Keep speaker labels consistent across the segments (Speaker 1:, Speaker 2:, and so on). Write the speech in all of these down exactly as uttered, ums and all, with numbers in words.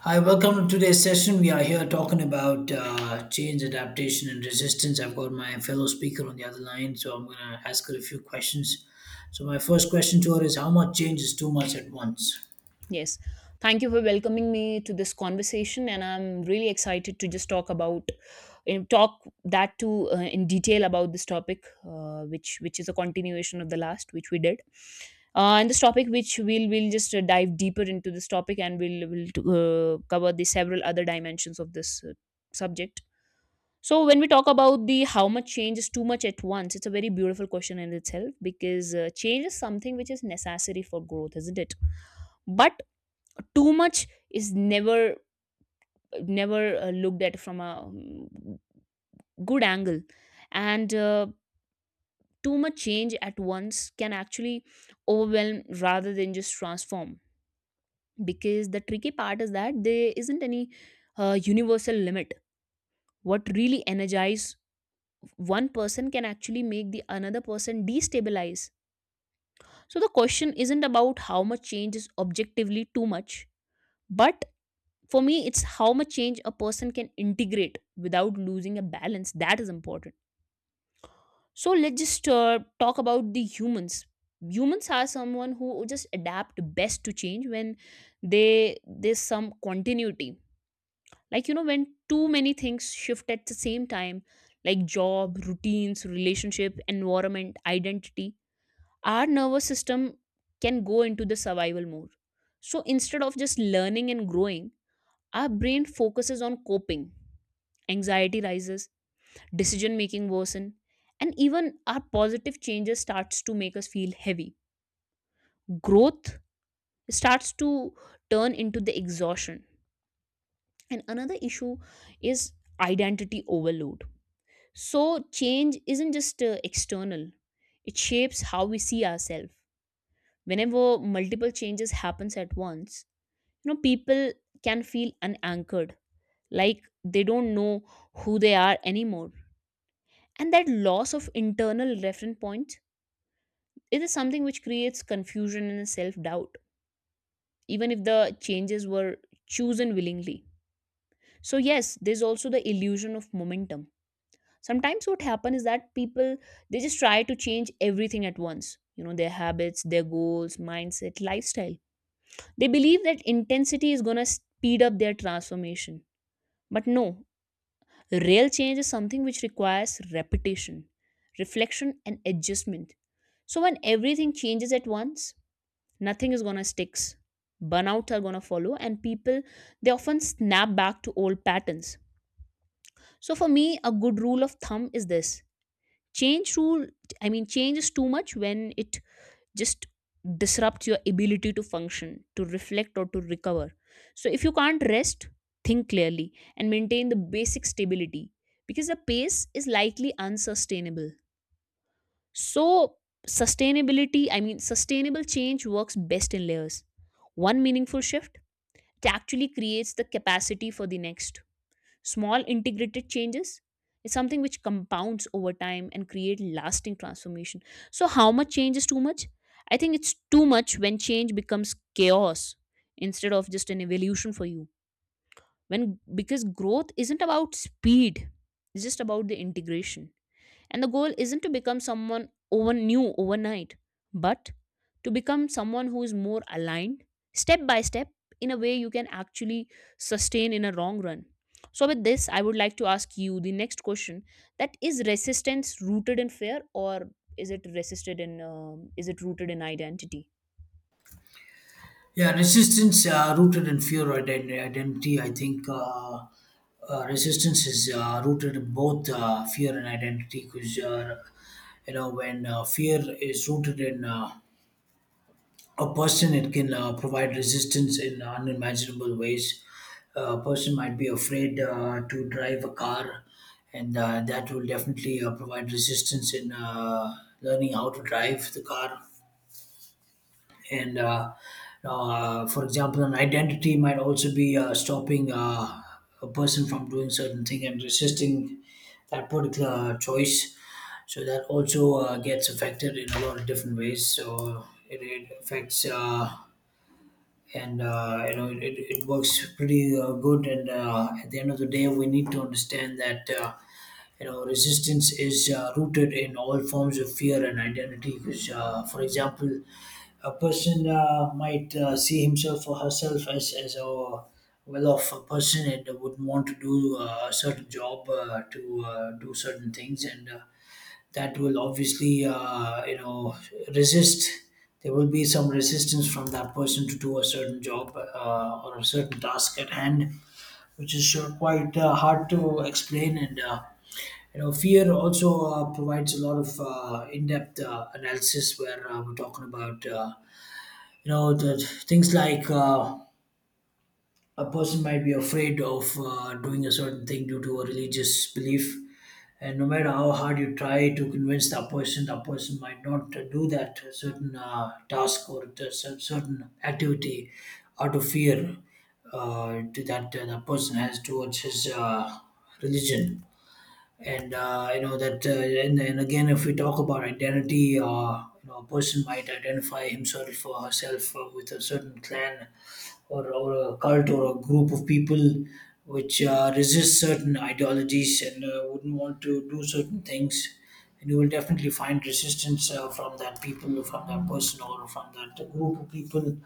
Speaker 1: Hi, welcome to today's session. We are here talking about uh, change, adaptation, and resistance. I've got my fellow speaker on the other line, so I'm going to ask her a few questions. So, my first question to her is: how much change is too much at once?
Speaker 2: Yes. Thank you for welcoming me to this conversation, and I'm really excited to just talk about eh, talk that too uh, in detail about this topic, uh, which which is a continuation of the last which we did. Uh, and this topic, which we'll we'll just uh, dive deeper into this topic, and we'll we'll uh, cover the several other dimensions of this uh, subject. So when we talk about the how much change is too much at once, it's a very beautiful question in itself because uh, change is something which is necessary for growth, isn't it? But too much is never never uh, looked at from a um, good angle and uh, too much change at once can actually overwhelm rather than just transform, because the tricky part is that there isn't any uh, universal limit. What really energize one person can actually make the another person destabilize. So the question isn't about how much change is objectively too much, but for me, it's how much change a person can integrate without losing a balance that is important. So let's just uh, talk about the humans. Humans are someone who just adapt best to change when they there's some continuity. Like, you know, when too many things shift at the same time, like job, routines, relationship, environment, identity, our nervous system can go into the survival mode. So instead of just learning and growing, our brain focuses on coping. Anxiety rises, decision making worsen, and even our positive changes starts to make us feel heavy. Growth starts to turn into the exhaustion. And another issue is identity overload. So change isn't just uh, external. It shapes how we see ourselves. Whenever multiple changes happens at once, you know, people can feel unanchored, like they don't know who they are anymore. And that loss of internal reference points, it is something which creates confusion and self doubt, even if the changes were chosen willingly. So, yes, there's also the illusion of momentum. Sometimes what happens is that people, they just try to change everything at once. You know, their habits, their goals, mindset, lifestyle. They believe that intensity is gonna speed up their transformation. But no, real change is something which requires repetition, reflection, and adjustment. So when everything changes at once, nothing is gonna sticks. Burnouts are gonna follow, and people, they often snap back to old patterns. So for me, a good rule of thumb is this: change rule. I mean, change is too much when it just disrupts your ability to function, to reflect, or to recover. So, if you can't rest, think clearly and maintain the basic stability, because the pace is likely unsustainable. So, sustainability, I mean, sustainable change works best in layers. One meaningful shift, it actually creates the capacity for the next. Small integrated changes is something which compounds over time and create lasting transformation. So how much change is too much? I think it's too much when change becomes chaos instead of just an evolution for you. When because growth isn't about speed, it's just about the integration. And the goal isn't to become someone over new overnight, but to become someone who is more aligned step by step in a way you can actually sustain in a long run. So with this, I would like to ask you the next question: that is resistance rooted in fear, or is it resisted in um, is it rooted in identity?
Speaker 1: Yeah, resistance uh, rooted in fear or ident- identity. I think uh, uh, resistance is uh, rooted in both uh, fear and identity because, uh, you know, when uh, fear is rooted in uh, a person, it can uh, provide resistance in unimaginable ways. A person might be afraid uh, to drive a car, and uh, that will definitely uh, provide resistance in uh, learning how to drive the car. And uh, uh, For example, an identity might also be uh, stopping uh, a person from doing certain thing and resisting that particular choice, so that also uh, gets affected in a lot of different ways. So it, it affects, uh, and uh, you know, it, it works pretty uh, good. And uh, at the end of the day, we need to understand that, uh, you know, resistance is uh, rooted in all forms of fear and identity. Because uh, for example, a person uh, might uh, see himself or herself as, as a well-off person and would want to do uh, a certain job uh, to uh, do certain things. And uh, that will obviously, uh, you know resist. There will be some resistance from that person to do a certain job, uh, or a certain task at hand, which is uh, quite uh, hard to explain. And uh, you know, fear also uh, provides a lot of uh, in-depth uh, analysis, where uh, we're talking about, uh, you know the things like, uh, a person might be afraid of uh, doing a certain thing due to a religious belief. And no matter how hard you try to convince that person, that person might not uh, do that certain uh, task or the cer- certain activity out of fear uh, to that, uh, that person has towards his, uh, religion. And uh, you know that uh, and, and again if we talk about identity, uh, you know, a person might identify himself or herself uh, with a certain clan or, or a cult or a group of people which uh, resist certain ideologies and uh, wouldn't want to do certain things. And you will definitely find resistance uh, from that people, from that person or from that group of people,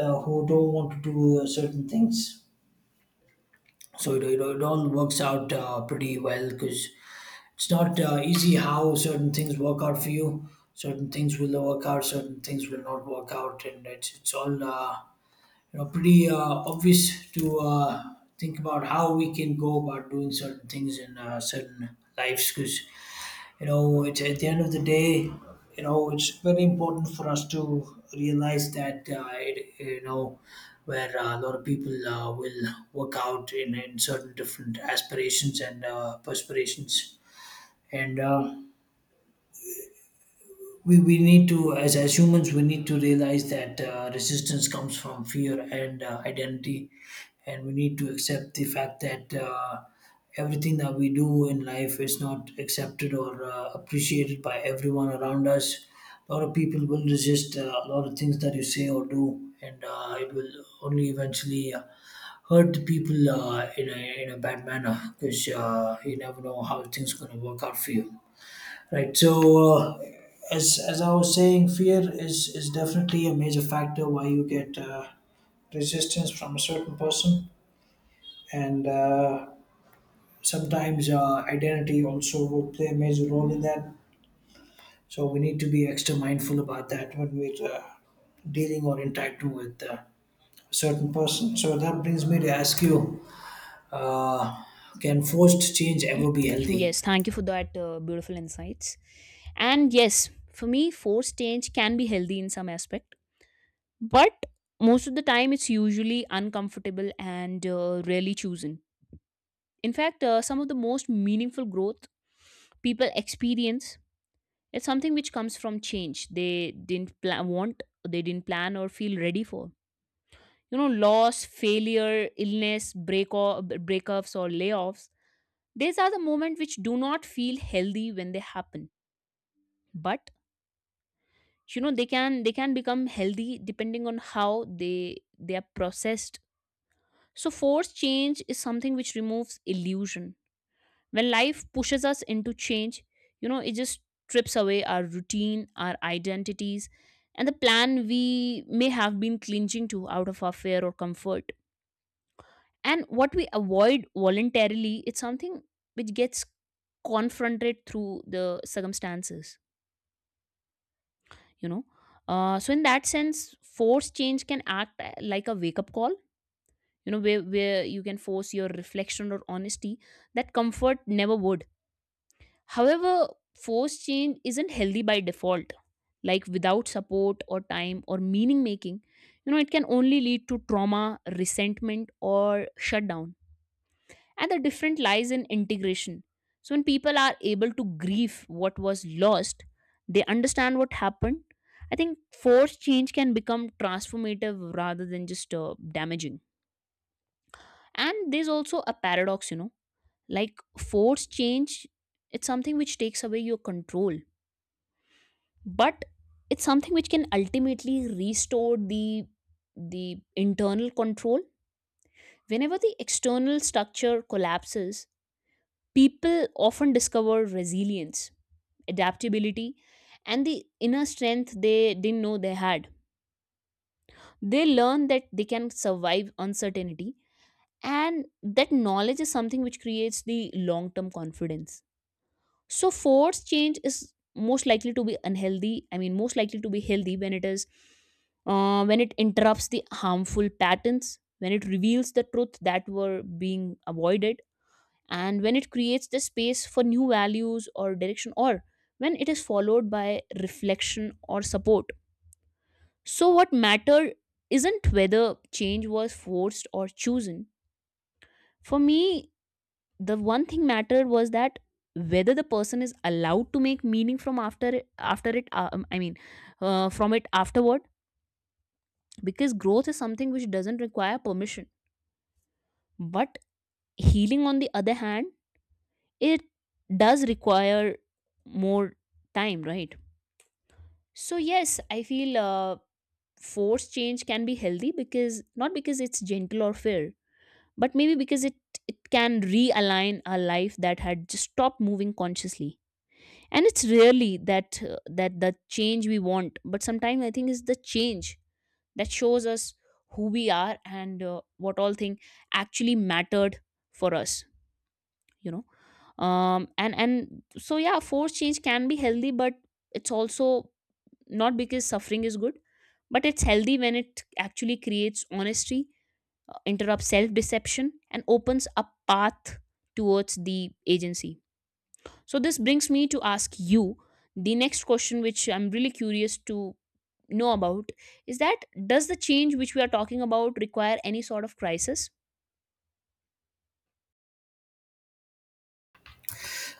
Speaker 1: uh, who don't want to do uh, certain things. So it, it, it all works out uh, pretty well, because it's not uh, easy how certain things work out for you. Certain things will work out, certain things will not work out, and it's it's all, uh, you know pretty uh, obvious to uh, think about how we can go about doing certain things in uh, certain lives. Because you know, it's, at the end of the day, you know, it's very important for us to realize that, uh, it, you know, where uh, a lot of people uh, will work out in, in certain different aspirations and uh, perspirations. And uh, we, we need to, as, as humans, we need to realize that uh, resistance comes from fear and uh, identity, and we need to accept the fact that uh, everything that we do in life is not accepted or uh, appreciated by everyone around us. A lot of people will resist uh, a lot of things that you say or do, and uh, it will only eventually uh, hurt the people uh, in, a, in a bad manner, because uh, you never know how things going to work out for you. Right. So, uh, as as I was saying, fear is is definitely a major factor why you get uh, resistance from a certain person, and uh, sometimes uh, identity also would play a major role in that. So we need to be extra mindful about that when we're uh, dealing or interacting with uh, a certain person. So that brings me to ask you: uh, can forced change ever be healthy?
Speaker 2: Yes, thank you for that uh, beautiful insights. And yes, for me, forced change can be healthy in some aspect, but most of the time it's usually uncomfortable and uh, rarely chosen. In fact, uh, some of the most meaningful growth people experience, it's something which comes from change they didn't plan, want, they didn't plan or feel ready for. You know, loss, failure, illness, break or breakups or layoffs. These are the moments which do not feel healthy when they happen, but you know, they can they can become healthy depending on how they they are processed. So forced change is something which removes illusion. When life pushes us into change, you know, it just strips away our routine, our identities, and the plan we may have been clinging to out of our fear or comfort. And what we avoid voluntarily, it's something which gets confronted through the circumstances, you know. Uh, so in that sense, forced change can act uh, like a wake up call, you know, where, where you can force your reflection or honesty that comfort never would. However, forced change isn't healthy by default, like without support or time or meaning making. You know, it can only lead to trauma, resentment, or shutdown. And the difference lies in integration. So, when people are able to grieve what was lost, they understand what happened. I think forced change can become transformative rather than just uh, damaging. And there's also a paradox, you know, like forced change, it's something which takes away your control, but it's something which can ultimately restore the the internal control. Whenever the external structure collapses, people often discover resilience, adaptability, and the inner strength they didn't know they had. They learn that they can survive uncertainty, and that knowledge is something which creates the long term confidence. So forced change is most likely to be unhealthy. I mean, most likely to be healthy when it is uh, when it interrupts the harmful patterns, when it reveals the truth that were being avoided, and when it creates the space for new values or direction, or when it is followed by reflection or support. So, what mattered isn't whether change was forced or chosen. For me, the one thing mattered was that whether the person is allowed to make meaning from after it- after it uh, um, I mean uh, from it afterward, because growth is something which doesn't require permission, but healing, on the other hand, it does require more time, right? So yes, I feel uh, forced change can be healthy, because not because it's gentle or fair, but maybe because it it can realign a life that had just stopped moving consciously. And it's really that uh, that the change we want, but sometimes I think it's the change that shows us who we are and uh, what all thing actually mattered for us, you know. Um and and so yeah, forced change can be healthy, but it's also not because suffering is good, but it's healthy when it actually creates honesty, uh, interrupts self deception and opens a path towards the agency. So, this brings me to ask you the next question, which I'm really curious to know about, is that does the change which we are talking about require any sort of crisis?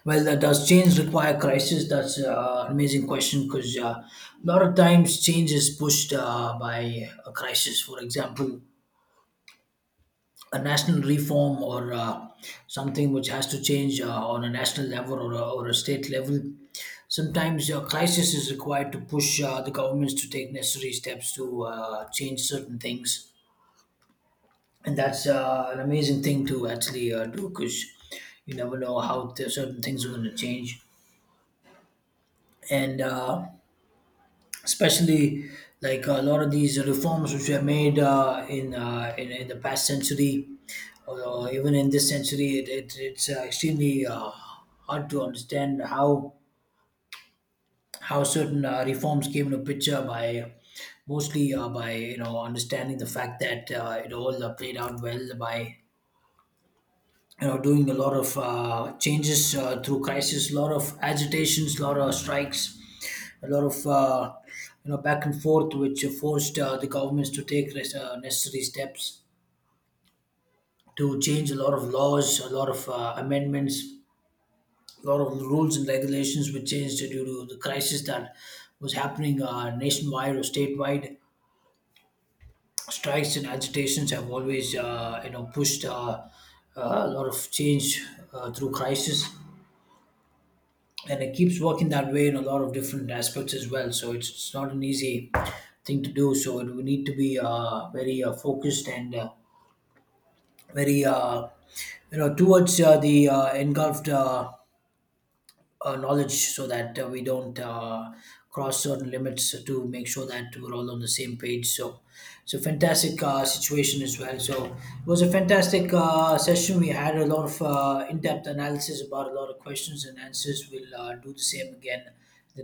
Speaker 1: Well, uh, does change require crisis? That's uh, an amazing question, because uh, a lot of times change is pushed uh, by a crisis. For example, a national reform, or uh, something which has to change uh, on a national level or a, or a state level. Sometimes a crisis is required to push uh, the governments to take necessary steps to uh, change certain things. And that's uh, an amazing thing to actually uh, do, because you never know how th- certain things are going to change. And uh, especially like a lot of these reforms which were made uh, in, uh, in in the past century, or, or even in this century, it, it, it's uh, extremely uh, hard to understand how how certain uh, reforms came into picture by mostly, uh, by you know understanding the fact that uh, it all uh, played out well by you know doing a lot of uh, changes uh, through crisis: a lot of agitations, a lot of strikes, a lot of, uh, you know back and forth, which forced uh, the governments to take res- uh, necessary steps to change a lot of laws, a lot of uh, amendments, a lot of rules and regulations were changed due to the crisis that was happening uh, nationwide or statewide. Strikes and agitations have always, uh, you know pushed uh, uh, a lot of change uh, through crisis, and it keeps working that way in a lot of different aspects as well. So it's, it's not an easy thing to do. So it, we need to be uh, very uh, focused and uh, very uh, you know towards uh, the uh, engulfed Uh, uh, knowledge, so that uh, we don't uh, cross certain limits, to make sure that we're all on the same page. So it's a fantastic uh, situation as well. So it was a fantastic uh, session. We had a lot of uh, in depth analysis about a lot of questions and answers. We'll uh, do the same again in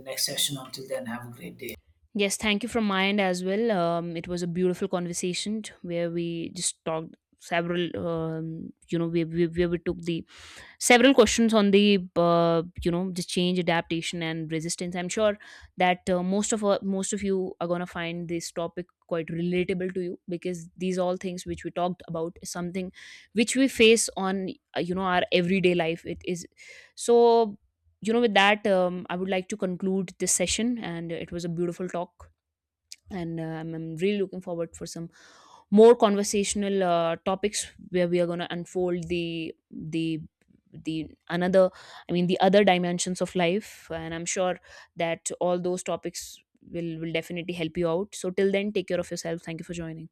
Speaker 1: the next session. Until then, have a great day.
Speaker 2: Yes, thank you from my end as well. Um, it was a beautiful conversation t- where we just talked several. Um, you know, we, we where we took the several questions on the uh, you know, the change, adaptation, and resistance. I'm sure that uh, most of uh, most of you are gonna find this topic quite relatable to you, because these all things which we talked about is something which we face on uh, you know, our everyday life. It is so, you know, with that, um, I would like to conclude this session, and it was a beautiful talk. And uh, I'm, I'm really looking forward for some more conversational uh, topics, where we are going to unfold the the the another I mean the other dimensions of life. And I'm sure that all those topics will will definitely help you out. So till then, take care of yourself. Thank you for joining.